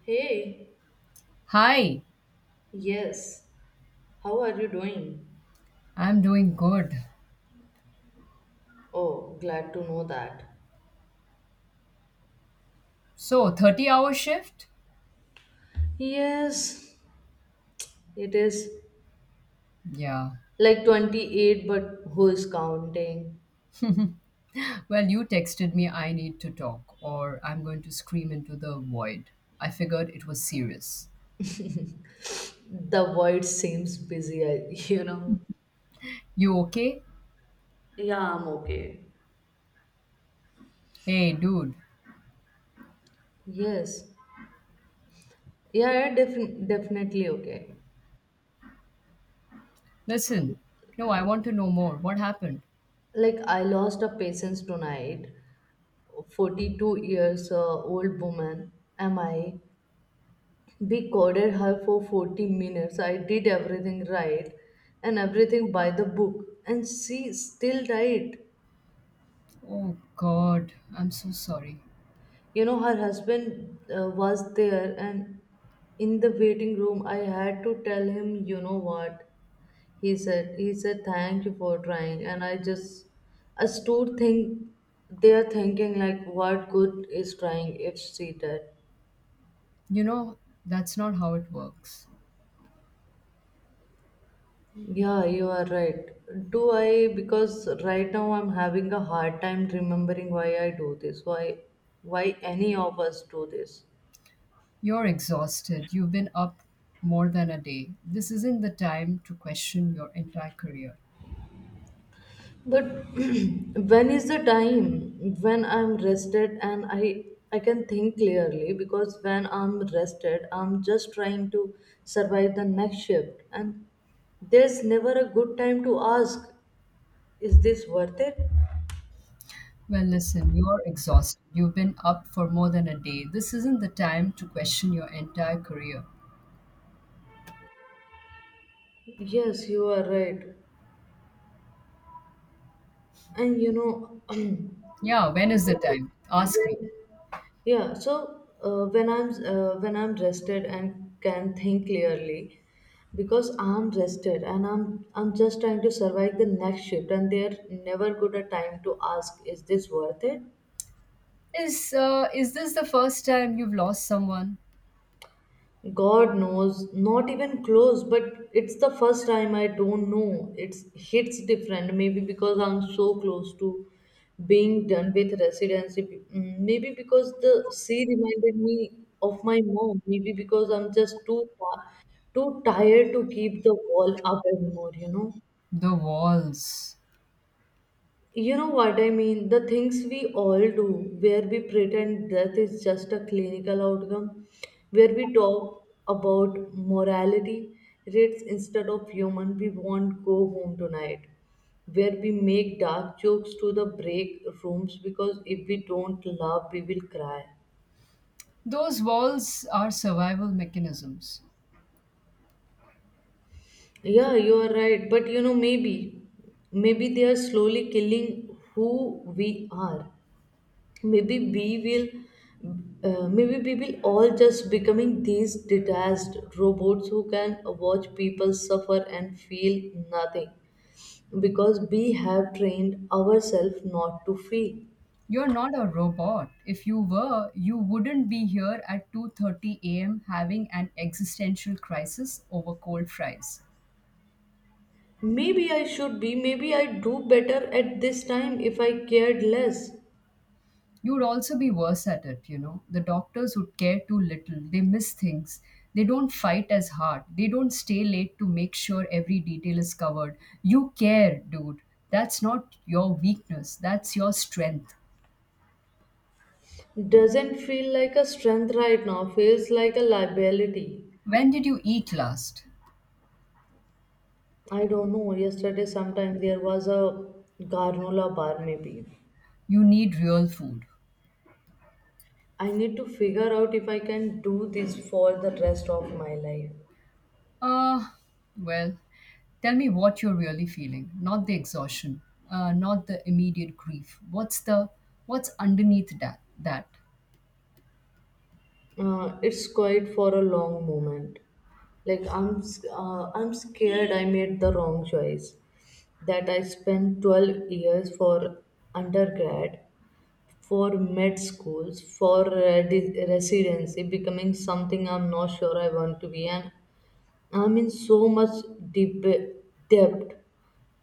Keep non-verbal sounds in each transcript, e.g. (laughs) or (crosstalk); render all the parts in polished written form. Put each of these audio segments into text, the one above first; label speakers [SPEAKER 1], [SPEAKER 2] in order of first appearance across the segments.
[SPEAKER 1] Hey,
[SPEAKER 2] Hi,
[SPEAKER 1] yes. How are you doing?
[SPEAKER 2] I'm doing good.
[SPEAKER 1] Oh, glad to know that.
[SPEAKER 2] So, 30-hour shift?
[SPEAKER 1] Yes, it is
[SPEAKER 2] Yeah.
[SPEAKER 1] like 28, but who is counting?
[SPEAKER 2] Well, you texted me I need to talk or I'm going to scream into the void. I figured it was serious.
[SPEAKER 1] The world seems busy, I- (laughs) you know.
[SPEAKER 2] You okay?
[SPEAKER 1] Yeah, I'm okay.
[SPEAKER 2] Hey, dude,
[SPEAKER 1] Yes. Yeah, yeah, definitely okay.
[SPEAKER 2] listen. No, I want to know more. What happened?
[SPEAKER 1] Like, I lost a patient tonight. 42 years old woman am I we coded her for 40 minutes. I did everything right and everything by the book, and she still died.
[SPEAKER 2] Oh, God, I'm so sorry.
[SPEAKER 1] You know, her husband was there, and in the waiting room, I had to tell him, you know what he said. He said, "Thank you for trying." And I just, I stood think, there thinking, like, what good is trying if she did?
[SPEAKER 2] You know, that's not how it works.
[SPEAKER 1] Yeah, you are right. Because right now I'm having a hard time remembering why I do this, why any of us do this.
[SPEAKER 2] You're exhausted. You've been up more than a day. This isn't the time to question your entire career.
[SPEAKER 1] But (clears throat) when is the time when I'm rested and I can think clearly? Because when I'm rested, I'm just trying to survive the next shift, and there's never a good time to ask, is this worth it?
[SPEAKER 2] Well, listen, you're exhausted. You've been up for more than a day. This isn't the time to question your entire career.
[SPEAKER 1] Yes, you are right. And
[SPEAKER 2] Yeah, when is the time? Ask me.
[SPEAKER 1] when, yeah, when I'm rested and can think clearly because I'm rested and I'm just trying to survive the next shift, and they're never good a time to ask, is this worth it?
[SPEAKER 2] Is this the first time you've lost someone?
[SPEAKER 1] God knows, not even close, but it's the first time I don't know. It's hits different, maybe because I'm so close to being done with residency. Maybe because the sea reminded me of my mom. Maybe because I'm just too tired to keep the wall up anymore, you know.
[SPEAKER 2] The walls.
[SPEAKER 1] You know what I mean? The things we all do, where we pretend death is just a clinical outcome, where we talk about morality rates instead of human, we won't go home tonight, where we make dark jokes to the break rooms because if we don't laugh, we will cry.
[SPEAKER 2] Those walls are survival mechanisms.
[SPEAKER 1] Yeah, you are right. But you know, maybe they are slowly killing who we are. maybe we will Maybe we will all just becoming these detached robots who can watch people suffer and feel nothing because we have trained ourselves not to feel.
[SPEAKER 2] You're not a robot. If you were, you wouldn't be here at 2:30 a.m. having an existential crisis over cold fries.
[SPEAKER 1] Maybe I do better at this time if I cared less.
[SPEAKER 2] You'd also be worse at it. You know, the doctors would care too little, they miss things, they don't fight as hard, they don't stay late to make sure every detail is covered. You care, dude. That's not your weakness, that's your strength.
[SPEAKER 1] Doesn't feel like a strength right now, feels like a liability.
[SPEAKER 2] When did you eat last?
[SPEAKER 1] I don't know, yesterday sometime. There was a garnola bar maybe.
[SPEAKER 2] You need real food.
[SPEAKER 1] I need to figure out if I can do this for the rest of my life.
[SPEAKER 2] Ah, well, tell me what you're really feeling, not the exhaustion, not the immediate grief. What's the what's underneath that?
[SPEAKER 1] It's quiet for a long moment. Like I'm scared I made the wrong choice. That I spent 12 years for undergrad, for med schools, for residency, becoming something I'm not sure I want to be, and I'm in so much deep debt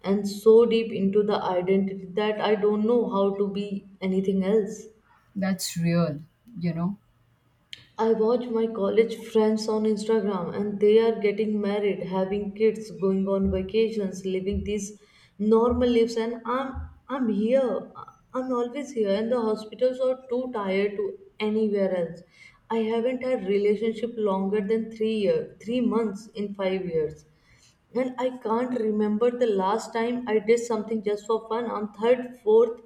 [SPEAKER 1] and so deep into the identity that I don't know how to be anything else.
[SPEAKER 2] That's real, you know.
[SPEAKER 1] I watch my college friends on Instagram and they are getting married, having kids, going on vacations, living these normal lives, and I'm here. I'm always here and the hospitals are too tired to anywhere else. I haven't had relationship longer than 3 year, 3 months in 5 years. And I can't remember the last time I did something just for fun. I'm third, fourth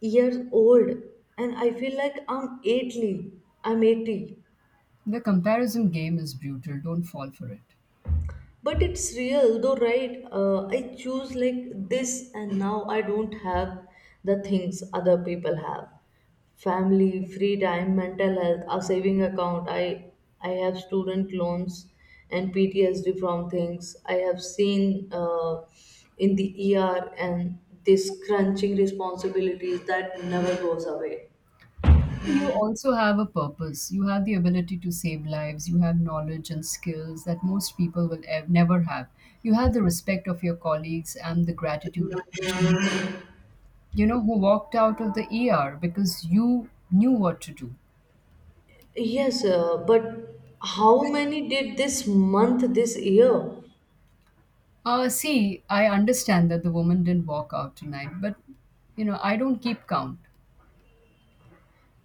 [SPEAKER 1] years old, and I feel like I'm 80. I'm 80.
[SPEAKER 2] The comparison game is brutal. Don't fall for it.
[SPEAKER 1] But it's real though, right? I choose like this and now I don't have the things other people have: family, free time, mental health, a saving account. I have student loans and PTSD from things I have seen in the ER, and this crunching responsibilities that never goes away.
[SPEAKER 2] You also have a purpose. You have the ability to save lives. You have knowledge and skills that most people will never have. You have the respect of your colleagues and the gratitude of patients, you know, who walked out of the ER because you knew what to do.
[SPEAKER 1] Yes, but how many did this month, this year?
[SPEAKER 2] See, I understand that the woman didn't walk out tonight, but, you know, I don't keep count.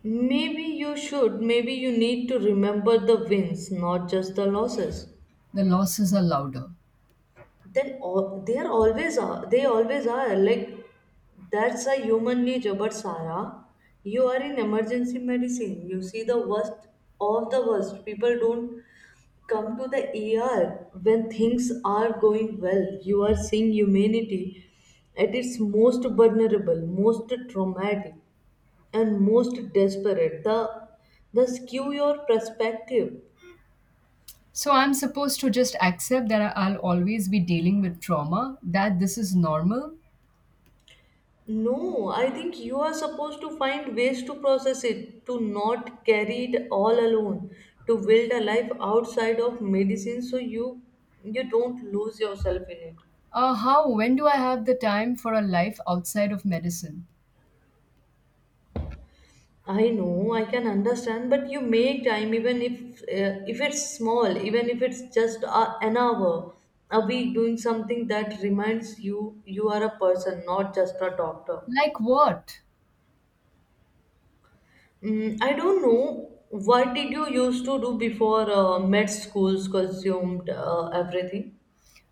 [SPEAKER 1] Maybe you should. Maybe you need to remember the wins, not just the losses.
[SPEAKER 2] The losses are louder.
[SPEAKER 1] They are always are. They always are. Like that's a human nature. But Sarah, you are in emergency medicine. You see the worst of the worst. People don't come to the ER when things are going well. You are seeing humanity at its most vulnerable, most traumatic, and most desperate. The skew your perspective.
[SPEAKER 2] So I'm supposed to just accept that I'll always be dealing with trauma, that this is normal.
[SPEAKER 1] No, I think you are supposed to find ways to process it, to not carry it all alone, to build a life outside of medicine so you don't lose yourself in it.
[SPEAKER 2] When do I have the time for a life outside of medicine?
[SPEAKER 1] I know, I can understand, but you make time even if it's small, even if it's just a, an hour a week doing something that reminds you you are a person, not just a doctor.
[SPEAKER 2] Like what?
[SPEAKER 1] Mm, I don't know. What did you used to do before med schools consumed everything?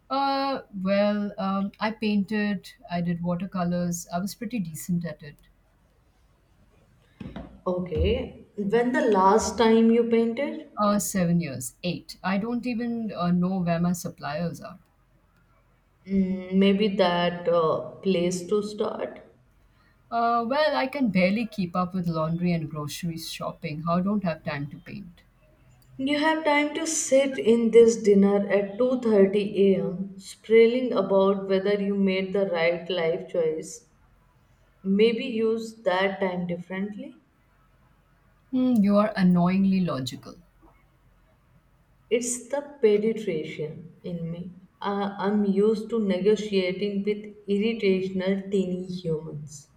[SPEAKER 2] Well, I painted, I did watercolors, I was pretty decent at it.
[SPEAKER 1] Okay. When the last time you painted?
[SPEAKER 2] 7 years, eight. I don't even know where my suppliers are.
[SPEAKER 1] Mm, maybe that place to start.
[SPEAKER 2] Well, I can barely keep up with laundry and grocery shopping. How don't have time to paint?
[SPEAKER 1] You have time to sit in this dinner at 2:30 a.m. spraying about whether you made the right life choice. Maybe use that time differently.
[SPEAKER 2] Hmm, you are annoyingly logical.
[SPEAKER 1] It's the pediatrician in me. I'm used to negotiating with irritational teeny humans.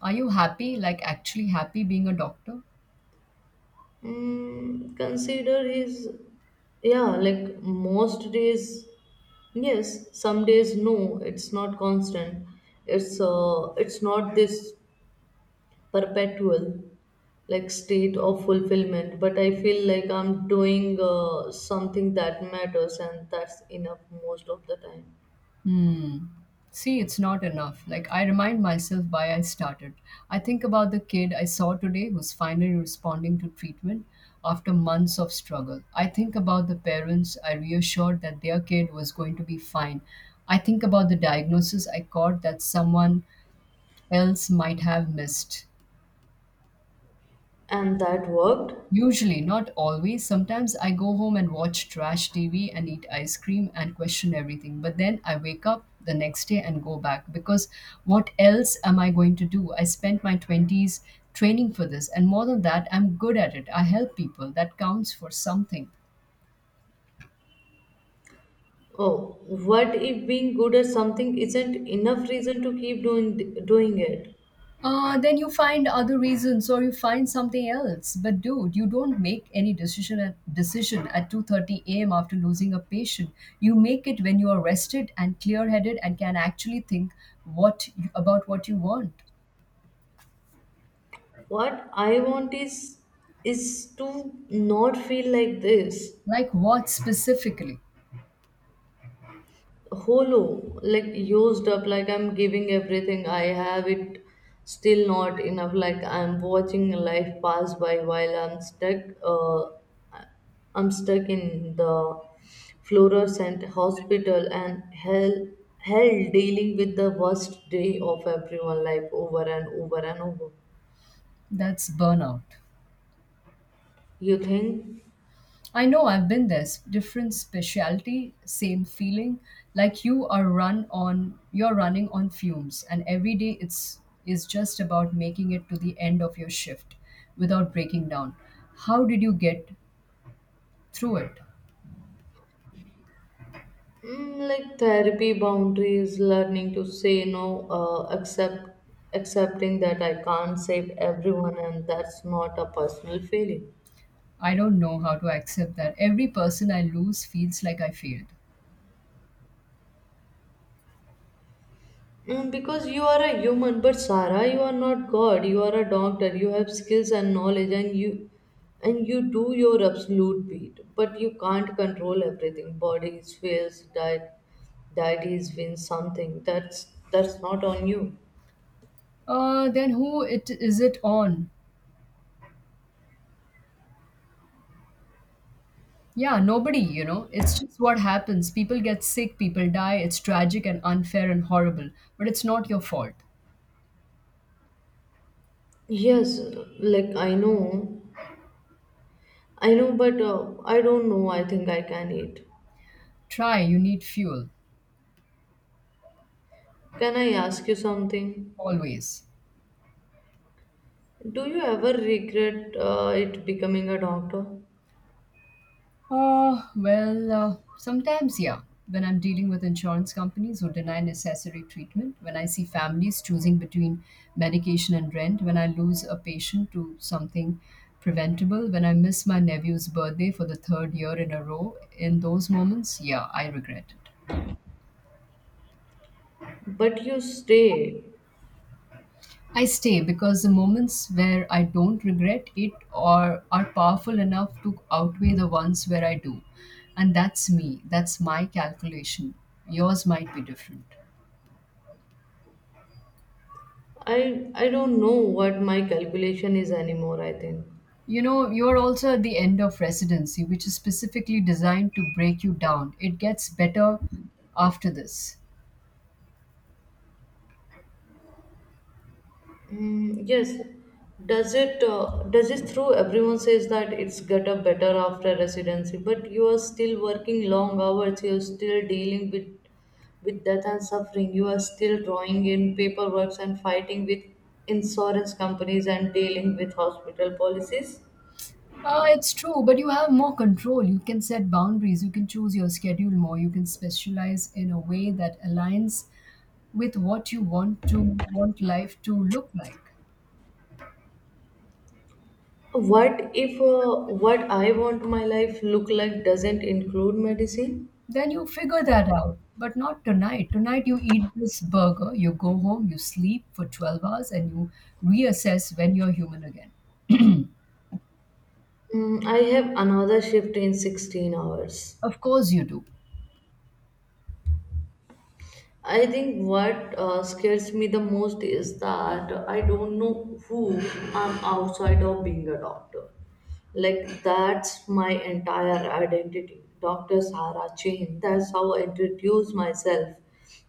[SPEAKER 2] Are you happy, like actually happy being a doctor?
[SPEAKER 1] Mm, consider his, yeah, like most days, yes, some days no. It's not constant. It's not this perpetual like state of fulfillment. But I feel like I'm doing something that matters, and that's enough most of the time.
[SPEAKER 2] Hmm. See, it's not enough. Like, I remind myself why I started. I think about the kid I saw today who's finally responding to treatment after months of struggle. I think about the parents I reassured that their kid was going to be fine. I think about the diagnosis I caught that someone else might have missed.
[SPEAKER 1] And that worked.
[SPEAKER 2] Usually, not always. Sometimes I go home and watch trash TV and eat ice cream and question everything. But then I wake up the next day and go back because what else am I going to do? I spent my 20s training for this, and more than that, I'm good at it. I help people. That counts for something.
[SPEAKER 1] Oh, what if being good at something isn't enough reason to keep doing it?
[SPEAKER 2] Then you find other reasons or you find something else. But dude, you don't make any decision at 2:30 a.m. after losing a patient. You make it when you are rested and clear-headed and can actually think about what you want.
[SPEAKER 1] What I want is to not feel like this.
[SPEAKER 2] Like what specifically?
[SPEAKER 1] Hollow, like used up, like I'm giving everything I have it still not enough, like I'm watching life pass by while I'm stuck in the fluorescent hospital and hell dealing with the worst day of everyone life over and over and over.
[SPEAKER 2] That's burnout.
[SPEAKER 1] You think?
[SPEAKER 2] I know, I've been there. Different specialty, same feeling. Like you you're running on fumes, and every day it's is just about making it to the end of your shift without breaking down. How did you get through it?
[SPEAKER 1] Mm, like therapy, boundaries, learning to say no, accepting that I can't save everyone, and that's not a personal failing.
[SPEAKER 2] I don't know how to accept that. Every person I lose feels like I failed.
[SPEAKER 1] Mm, because you are a human, but Sarah, you are not God. You are a doctor. You have skills and knowledge, and you do your absolute beat. But you can't control everything. Bodies fails, diet, deities win something. That's not on you.
[SPEAKER 2] Then who it is it on? Yeah, nobody, you know. It's just what happens. People get sick, people die. It's tragic and unfair and horrible, but it's not your fault.
[SPEAKER 1] Yes, like I know, but I don't know. I think I can eat.
[SPEAKER 2] Try, you need fuel,
[SPEAKER 1] Can I ask you something?
[SPEAKER 2] always.
[SPEAKER 1] Do you ever regret it becoming a doctor?
[SPEAKER 2] Oh, well, sometimes, yeah. When I'm dealing with insurance companies who deny necessary treatment, when I see families choosing between medication and rent, when I lose a patient to something preventable, when I miss my nephew's birthday for the third year in a row, in those moments, yeah, I regret it.
[SPEAKER 1] But you stay.
[SPEAKER 2] I stay because the moments where I don't regret it or are powerful enough to outweigh the ones where I do. And that's me. That's my calculation. Yours might be different.
[SPEAKER 1] I don't know what my calculation is anymore, I think.
[SPEAKER 2] You know, you're also at the end of residency, which is specifically designed to break you down. It gets better after this.
[SPEAKER 1] Mm, yes. Does it through? Everyone says that it's got up better after residency, but you are still working long hours. You are still dealing with death and suffering. You are still drawing in paperwork and fighting with insurance companies and dealing with hospital policies.
[SPEAKER 2] It's true, but you have more control. You can set boundaries. You can choose your schedule more. You can specialize in a way that aligns with what you want life to look like.
[SPEAKER 1] What if what I want my life look like doesn't include medicine?
[SPEAKER 2] Then you figure that out, but not tonight. Tonight you eat this burger, you go home, you sleep for 12 hours, and you reassess when you're human again.
[SPEAKER 1] Mm, I have another shift in 16 hours.
[SPEAKER 2] Of course you do.
[SPEAKER 1] I think what scares me the most is that I don't know who I'm outside of being a doctor. Like, that's my entire identity. Dr. Sarah Chain. That's how I introduce myself.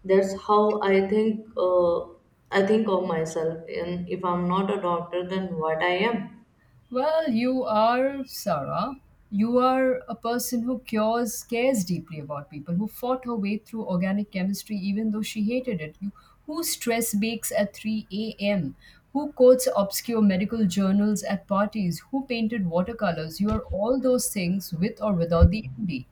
[SPEAKER 1] That's how I think. I think of myself, and if I'm not a doctor, then what I am.
[SPEAKER 2] Well, you are Sarah. You are a person who cares deeply about people, who fought her way through organic chemistry even though she hated it, you, who stress bakes at 3 a.m., who quotes obscure medical journals at parties, who painted watercolors. You are all those things with or without the MD.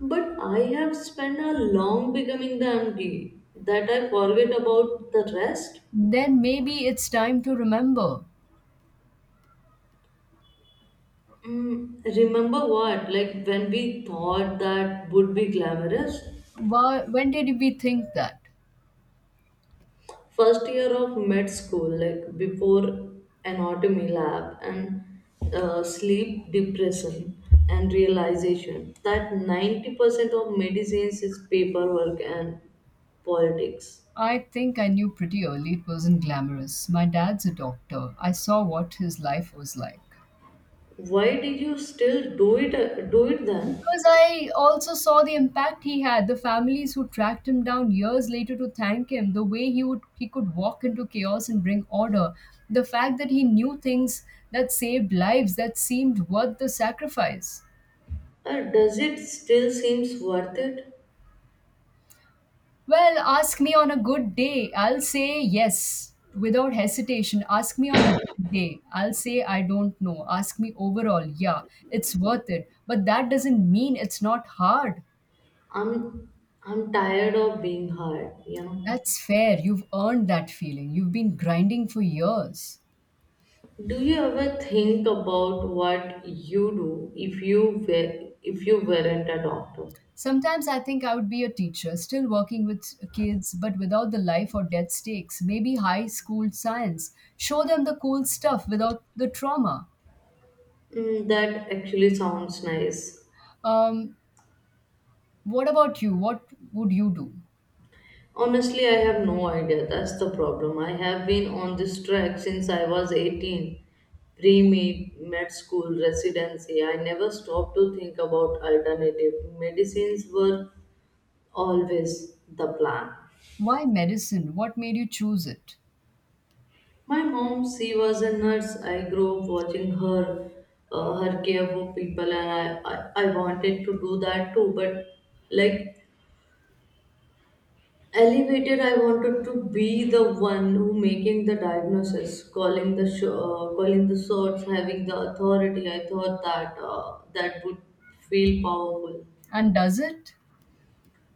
[SPEAKER 1] But I have spent a long becoming the MD that I forget about the rest.
[SPEAKER 2] Then maybe it's time to remember.
[SPEAKER 1] Mm, remember what? Like when we thought that would be glamorous,
[SPEAKER 2] Why, when did we think that?
[SPEAKER 1] first year of med school, like before anatomy lab and sleep depression and realization that 90% of medicines is paperwork and politics.
[SPEAKER 2] I think I knew pretty early it wasn't glamorous. My dad's a doctor. I saw what his life was like.
[SPEAKER 1] Why did you still do it? Do it then?
[SPEAKER 2] Because I also saw the impact he had, the families who tracked him down years later to thank him, the way he could walk into chaos and bring order, the fact that he knew things that saved lives that seemed worth the sacrifice.
[SPEAKER 1] Does it still seems worth it?
[SPEAKER 2] Well, ask me on a good day. I'll say yes without hesitation. Ask me on a bad day. I'll say I don't know. Ask me overall. Yeah, it's worth it. But that doesn't mean it's not hard.
[SPEAKER 1] I'm I'm tired of being hard, you know.
[SPEAKER 2] That's fair. You've earned that feeling. You've been grinding for years.
[SPEAKER 1] Do you ever think about what you do if you were if you weren't a doctor?
[SPEAKER 2] Sometimes I think I would be a teacher, still working with kids, but without the life or death stakes. Maybe high school science. Show them the cool stuff without the trauma.
[SPEAKER 1] Mm, that actually sounds nice.
[SPEAKER 2] Um, what about you? What would you do?
[SPEAKER 1] Honestly, I have no idea. That's the problem. I have been on this track since I was 18. Pre-med, med school, residency. I never stopped to think about alternative medicines were always the plan.
[SPEAKER 2] Why medicine? What made you choose it?
[SPEAKER 1] My mom, she was a nurse. I grew up watching her, her care for people, and I wanted to do that too. But like elevated, I wanted to be the one who making the diagnosis, calling the calling the shots, having the authority. I thought that would feel powerful.
[SPEAKER 2] And does it?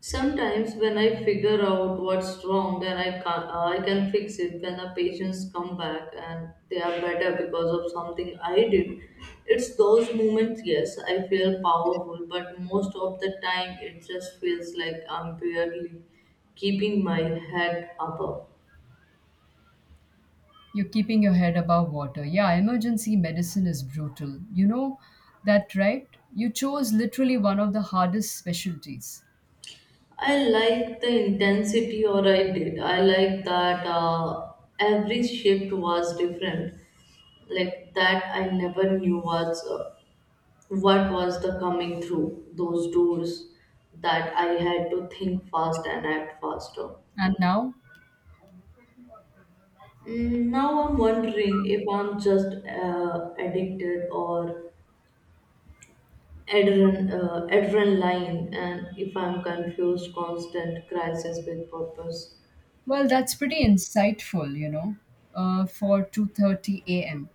[SPEAKER 1] Sometimes when I figure out what's wrong and I can fix it, when the patients come back and they are better because of something I did. It's those moments, yes, I feel powerful, but most of the time it just feels like I'm barely keeping my head above.
[SPEAKER 2] You're keeping your head above water. Yeah, emergency medicine is brutal. You know that, right? You chose literally one of the hardest specialties.
[SPEAKER 1] I like the intensity, or I did. I like that every shift was different, like that I never knew was what was the coming through those doors, that I had to think fast and act faster?
[SPEAKER 2] And now?
[SPEAKER 1] Mm, now I'm wondering if I'm just addicted or adrenaline, and if I'm confused, constant crisis with purpose.
[SPEAKER 2] Well, that's pretty insightful, you know, for 2:30 a.m.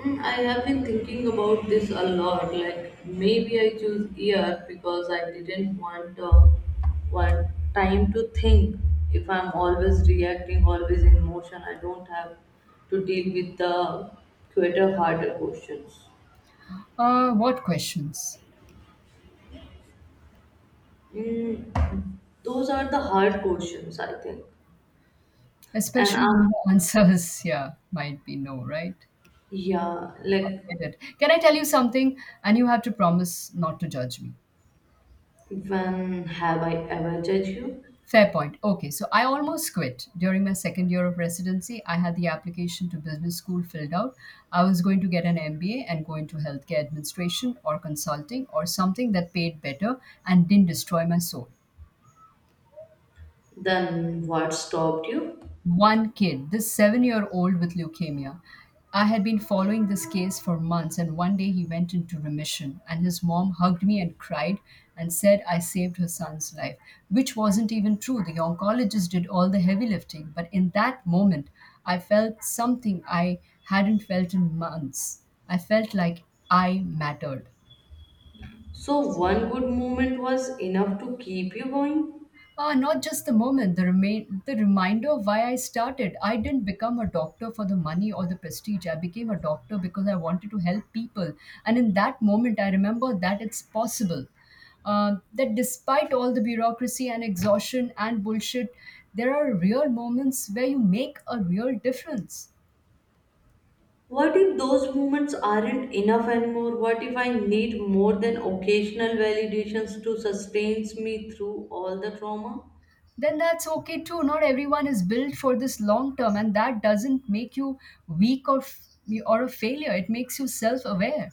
[SPEAKER 1] Mm, I have been thinking about this a lot. Like maybe I choose year because I didn't want want time to think. If I'm always reacting, always in motion, I don't have to deal with the quicker, harder questions.
[SPEAKER 2] What questions?
[SPEAKER 1] Mm, those are the hard questions, I think. And
[SPEAKER 2] Especially
[SPEAKER 1] I'm
[SPEAKER 2] when the answers, (laughs) yeah, might be no, right?
[SPEAKER 1] yeah, like
[SPEAKER 2] I get it. Can I tell you something? And you have to promise not to judge me.
[SPEAKER 1] when have I ever judged you?
[SPEAKER 2] Fair point. Okay, so I almost quit. During my second year of residency, I had the application to business school filled out. I was going to get an MBA and go into healthcare administration or consulting or something that paid better and didn't destroy my soul.
[SPEAKER 1] Then what stopped you?
[SPEAKER 2] One kid, this 7 year old with leukemia. I had been following this case for months, and one day he went into remission. And his mom hugged me and cried and said I saved her son's life, which wasn't even true. The oncologist did all the heavy lifting, but in that moment, I felt something I hadn't felt in months. I felt like I mattered.
[SPEAKER 1] So, one good moment was enough to keep you going?
[SPEAKER 2] Not just the moment, the remain the reminder of why I started. I didn't become a doctor for the money or the prestige. I became a doctor because I wanted to help people. And in that moment, I remember that it's possible. That despite all the bureaucracy and exhaustion and bullshit, there are real moments where you make a real difference.
[SPEAKER 1] What if those moments aren't enough anymore? What if I need more than occasional validations to sustain me through all the trauma?
[SPEAKER 2] Then that's okay too. Not everyone is built for this long term, and that doesn't make you weak or a failure. It makes you self aware.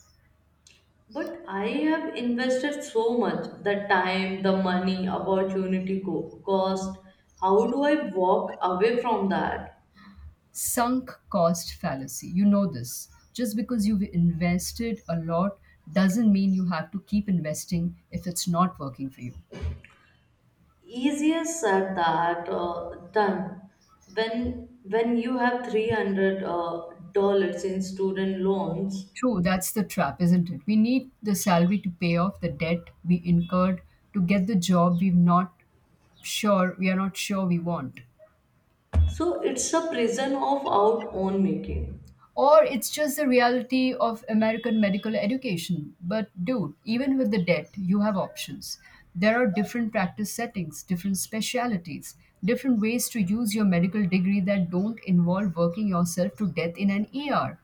[SPEAKER 1] But I have invested so much the time, the money, opportunity cost. How do I walk away from that?
[SPEAKER 2] Sunk cost fallacy. You know this. Just because you've invested a lot doesn't mean you have to keep investing if it's not working for you.
[SPEAKER 1] Easier said that done when you have 300 dollars in student loans.
[SPEAKER 2] True, that's the trap, isn't it? We need the salary to pay off the debt we incurred to get the job we are not sure we want.
[SPEAKER 1] So it's a prison of our own making.
[SPEAKER 2] Or it's just the reality of American medical education. But dude, even with the debt, you have options. There are different practice settings, different specialities, different ways to use your medical degree that don't involve working yourself to death in an ER.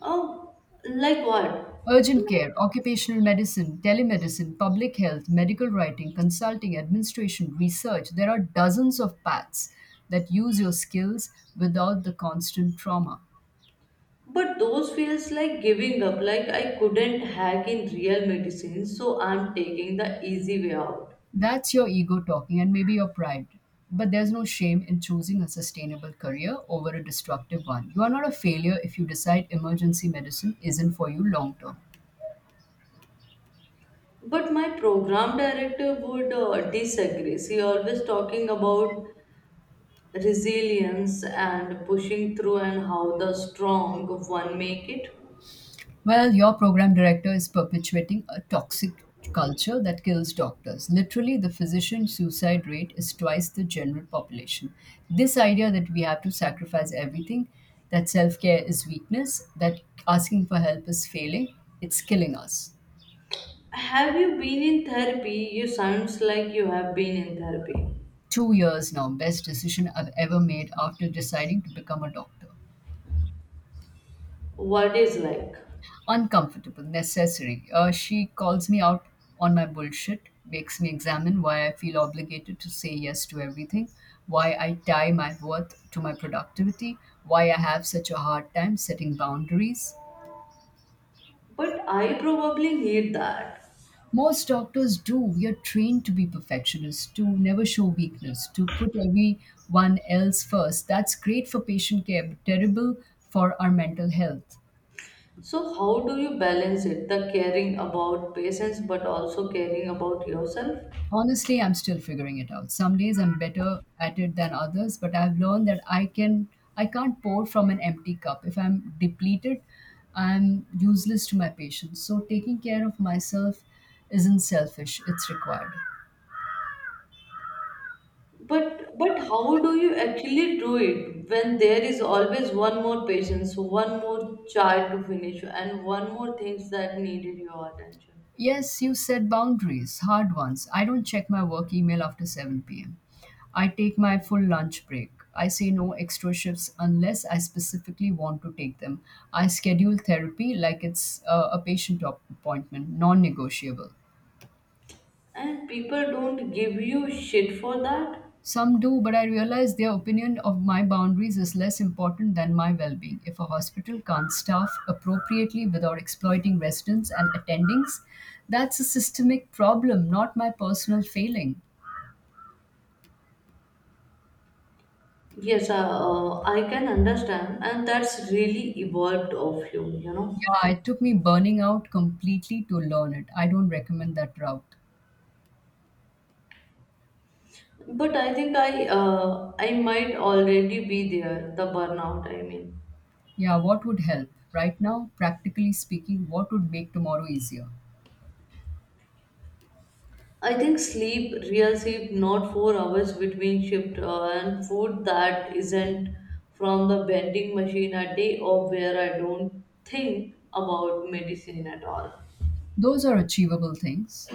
[SPEAKER 1] Oh, like what?
[SPEAKER 2] Urgent
[SPEAKER 1] Like,
[SPEAKER 2] care, occupational medicine, telemedicine, public health, medical writing, consulting, administration, research. There are dozens of paths that use your skills without the constant trauma.
[SPEAKER 1] but those feels like giving up. Like I couldn't hack in real medicine, so I'm taking the easy way out.
[SPEAKER 2] That's your ego talking, and maybe your pride. But there's no shame in choosing a sustainable career over a destructive one. You are not a failure if you decide emergency medicine isn't for you long term.
[SPEAKER 1] But my program director would disagree. She always talking about resilience and pushing through and how the strong one make it.
[SPEAKER 2] Well, your program director is perpetuating a toxic culture that kills doctors. Literally, the physician suicide rate is twice the general population. This idea that we have to sacrifice everything, that self care is weakness, that asking for help is failing, it's killing us.
[SPEAKER 1] Have you been in therapy? You sounds like you have been in therapy.
[SPEAKER 2] 2 years now, best decision I've ever made after deciding to become a doctor.
[SPEAKER 1] What is like?
[SPEAKER 2] Uncomfortable, necessary. She calls me out on my bullshit, makes me examine why I feel obligated to say yes to everything, why I tie my worth to my productivity, why I have such a hard time setting boundaries.
[SPEAKER 1] But I probably need that.
[SPEAKER 2] Most doctors do. We are trained to be perfectionists, to never show weakness, to put everyone else first. That's great for patient care, but terrible for our mental health.
[SPEAKER 1] So, how do you balance it? The caring about patients, but also caring about yourself.
[SPEAKER 2] Honestly, I'm still figuring it out. Some days I'm better at it than others, but I've learned that I can't pour from an empty cup. If I'm depleted, I'm useless to my patients. So taking care of myself isn't selfish, it's required.
[SPEAKER 1] But how do you actually do it when there is always one more patient, so one more chart to finish, and one more things that needed your attention,
[SPEAKER 2] Yes, you set boundaries, hard ones. I don't check my work email after 7 p.m. I take my full lunch break. I say no extra shifts unless I specifically want to take them. I schedule therapy like it's a patient appointment, non negotiable.
[SPEAKER 1] and people don't give you shit for that?
[SPEAKER 2] Some do, but I realize their opinion of my boundaries is less important than my well being. If a hospital can't staff appropriately without exploiting residents and attendings, that's a systemic problem, not my personal failing.
[SPEAKER 1] Yes, I can understand, and that's really evolved of you, you know.
[SPEAKER 2] Yeah, it took me burning out completely to learn it. I don't recommend that route.
[SPEAKER 1] But I think I might already be there, the burnout, I mean.
[SPEAKER 2] Yeah, what would help? Right now, practically speaking, what would make tomorrow easier?
[SPEAKER 1] I think sleep, real sleep, not 4 hours between shift and food that isn't from the vending machine a day or where I don't think about medicine at all.
[SPEAKER 2] Those are achievable things.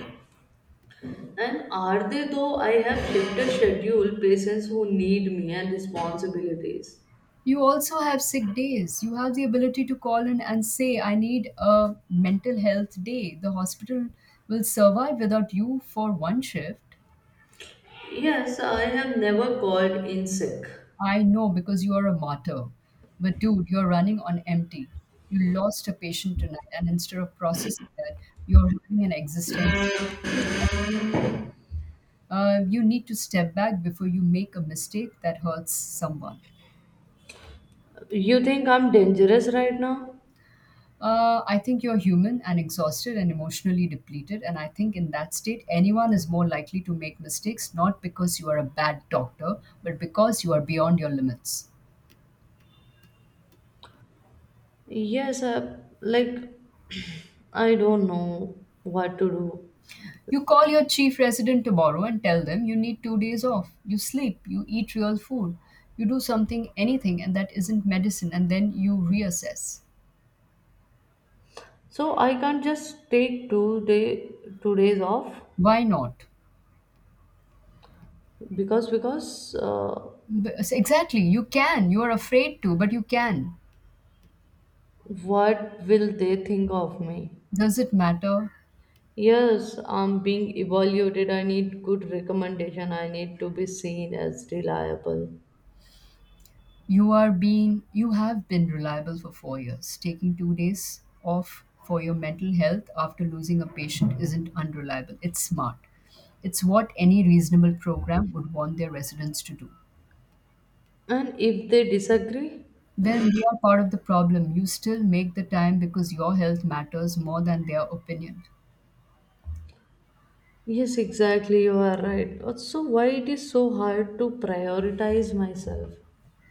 [SPEAKER 1] And are they though I have shifted schedule patients who need me and responsibilities?
[SPEAKER 2] You also have sick days. You have the ability to call in and say, I need a mental health day. The hospital will survive without you for one shift.
[SPEAKER 1] Yes, I have never called in sick.
[SPEAKER 2] I know because you are a martyr. But dude, you're running on empty. You lost a patient tonight, and instead of processing that, you're having an existential crisis. You need to step back before you make a mistake that hurts someone.
[SPEAKER 1] You think I'm dangerous right now?
[SPEAKER 2] I think you're human and exhausted and emotionally depleted. And I think in that state, anyone is more likely to make mistakes, not because you are a bad doctor, but because you are beyond your limits.
[SPEAKER 1] Yes, like I don't know what to do.
[SPEAKER 2] You call your chief resident tomorrow and tell them you need 2 days off. You sleep, you eat real food, you do something, anything, and that isn't medicine, and then you reassess.
[SPEAKER 1] So I can't just take two day 2 days off
[SPEAKER 2] Why not?
[SPEAKER 1] because
[SPEAKER 2] Exactly, you can. You are afraid to, but you can.
[SPEAKER 1] what will they think of me?
[SPEAKER 2] Does it matter?
[SPEAKER 1] Yes, I'm being evaluated. I need good recommendation. I need to be seen as reliable.
[SPEAKER 2] You have been reliable for 4 years. Taking 2 days off for your mental health after losing a patient isn't unreliable, it's smart. It's what any reasonable program would want their residents to do.
[SPEAKER 1] And if they disagree,
[SPEAKER 2] Then they are part of the problem. You still make the time because your health matters more than their opinion.
[SPEAKER 1] yes, exactly, you are right. So why it is so hard to prioritize myself?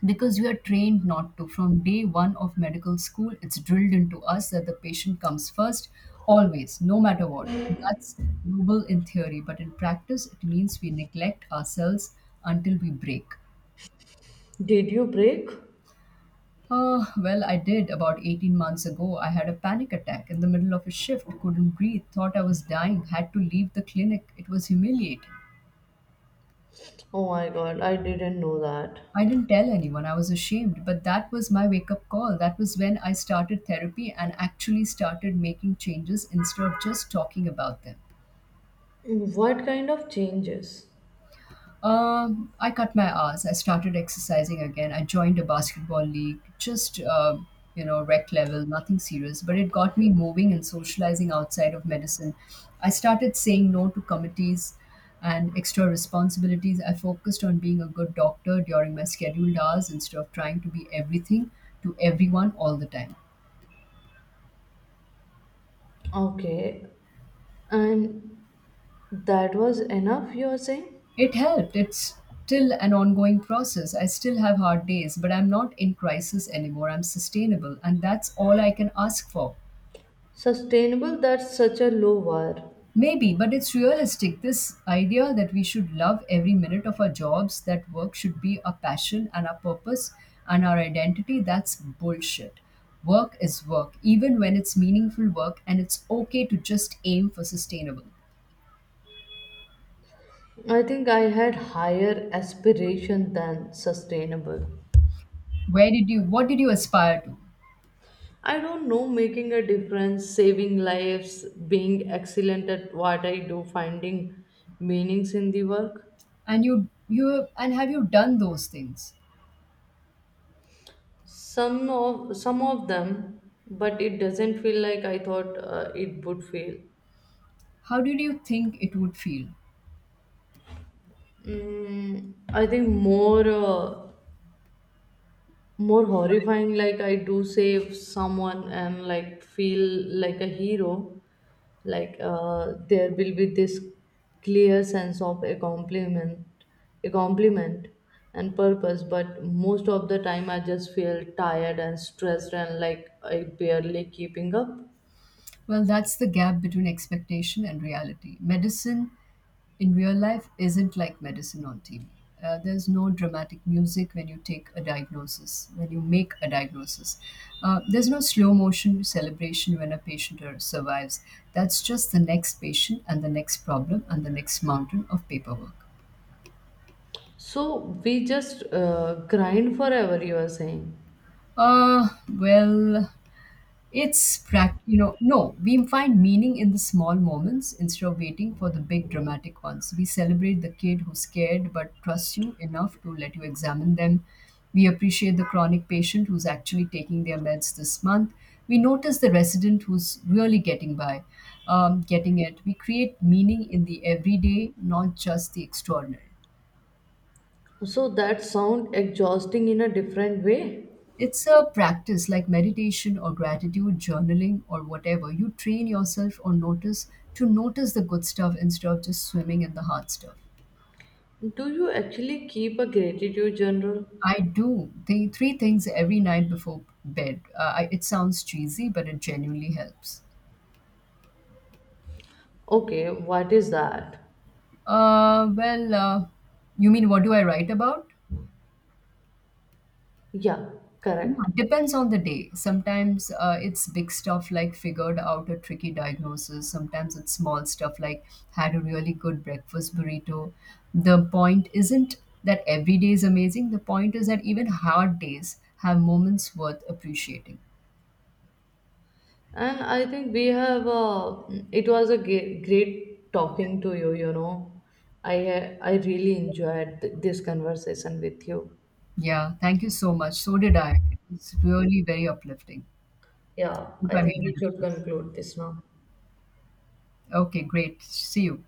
[SPEAKER 2] Because we are trained not to. From day one of medical school, it's drilled into us that the patient comes first, always, no matter what. And that's noble in theory, but in practice, it means we neglect ourselves until we break.
[SPEAKER 1] Did you break?
[SPEAKER 2] I did about 18 months ago. I had a panic attack in the middle of a shift, couldn't breathe, thought I was dying, had to leave the clinic. It was humiliating.
[SPEAKER 1] Oh my god, I didn't know that.
[SPEAKER 2] I didn't tell anyone, I was ashamed, but that was my wake up call. That was when I started therapy and actually started making changes instead of just talking about them.
[SPEAKER 1] What kind of changes?
[SPEAKER 2] I cut my hours. I started exercising again. I joined a basketball league, just rec level, nothing serious, but it got me moving and socializing outside of medicine. I started saying no to committees and extra responsibilities. I focused on being a good doctor during my scheduled hours instead of trying to be everything to everyone all the time.
[SPEAKER 1] Okay, and that was enough, you're saying?
[SPEAKER 2] It helped. It's still an ongoing process. I still have hard days, but I'm not in crisis anymore. I'm sustainable, and that's all I can ask for.
[SPEAKER 1] Sustainable, that's such a low bar.
[SPEAKER 2] Maybe, but it's realistic. This idea that we should love every minute of our jobs, that work should be our passion and our purpose and our identity, that's bullshit. Work is work, even when it's meaningful work, and it's okay to just aim for sustainable.
[SPEAKER 1] I think I had higher aspiration than sustainable.
[SPEAKER 2] What did you aspire to?
[SPEAKER 1] I don't know making a difference, saving lives, being excellent at what I do, finding meanings in the work.
[SPEAKER 2] And have you done those things?
[SPEAKER 1] Some of them, but it doesn't feel like I thought it would feel.
[SPEAKER 2] How did you think it would feel?
[SPEAKER 1] Mm, I think more horrifying. Like I do save someone and like feel like a hero. Like there will be this clear sense of a compliment and purpose. But most of the time, I just feel tired and stressed and like I barely keeping up.
[SPEAKER 2] Well, that's the gap between expectation and reality. Medicine in real life isn't like medicine on TV. There's no dramatic music when you take a diagnosis, When you make a diagnosis. There's no slow motion celebration when a patient survives. That's just the next patient and the next problem and the next mountain of paperwork.
[SPEAKER 1] So we just grind forever. You are saying.
[SPEAKER 2] Uh, well, It's prac you know, No, we find meaning in the small moments instead of waiting for the big dramatic ones. We celebrate the kid who's scared but trusts you enough to let you examine them. We appreciate the chronic patient who's actually taking their meds this month. We notice the resident who's really getting it. We create meaning in the everyday, not just the extraordinary.
[SPEAKER 1] So that sound exhausting in a different way.
[SPEAKER 2] It's a practice like meditation or gratitude journaling or whatever. You train yourself or notice to notice the good stuff instead of just swimming in the hard stuff.
[SPEAKER 1] Do you actually keep a gratitude journal?
[SPEAKER 2] I do the 3 things every night before bed. It sounds cheesy, but it genuinely helps.
[SPEAKER 1] Okay, what is that?
[SPEAKER 2] Uh, well, uh, you mean what do I write about?
[SPEAKER 1] Yeah,
[SPEAKER 2] Yeah,
[SPEAKER 1] correct.
[SPEAKER 2] depends on the day. Sometimes it's big stuff like figured out a tricky diagnosis. Sometimes it's small stuff like had a really good breakfast burrito. The point isn't that every day is amazing. The point is that even hard days have moments worth appreciating.
[SPEAKER 1] And I think we have it was a great talking to you, you know. I really enjoyed this conversation with you.
[SPEAKER 2] Yeah, thank you so much. So did I. It's really very uplifting.
[SPEAKER 1] Yeah,
[SPEAKER 2] Hope
[SPEAKER 1] I
[SPEAKER 2] I
[SPEAKER 1] think
[SPEAKER 2] made
[SPEAKER 1] we
[SPEAKER 2] a
[SPEAKER 1] should
[SPEAKER 2] difference.
[SPEAKER 1] conclude this now.
[SPEAKER 2] Okay, great. See you.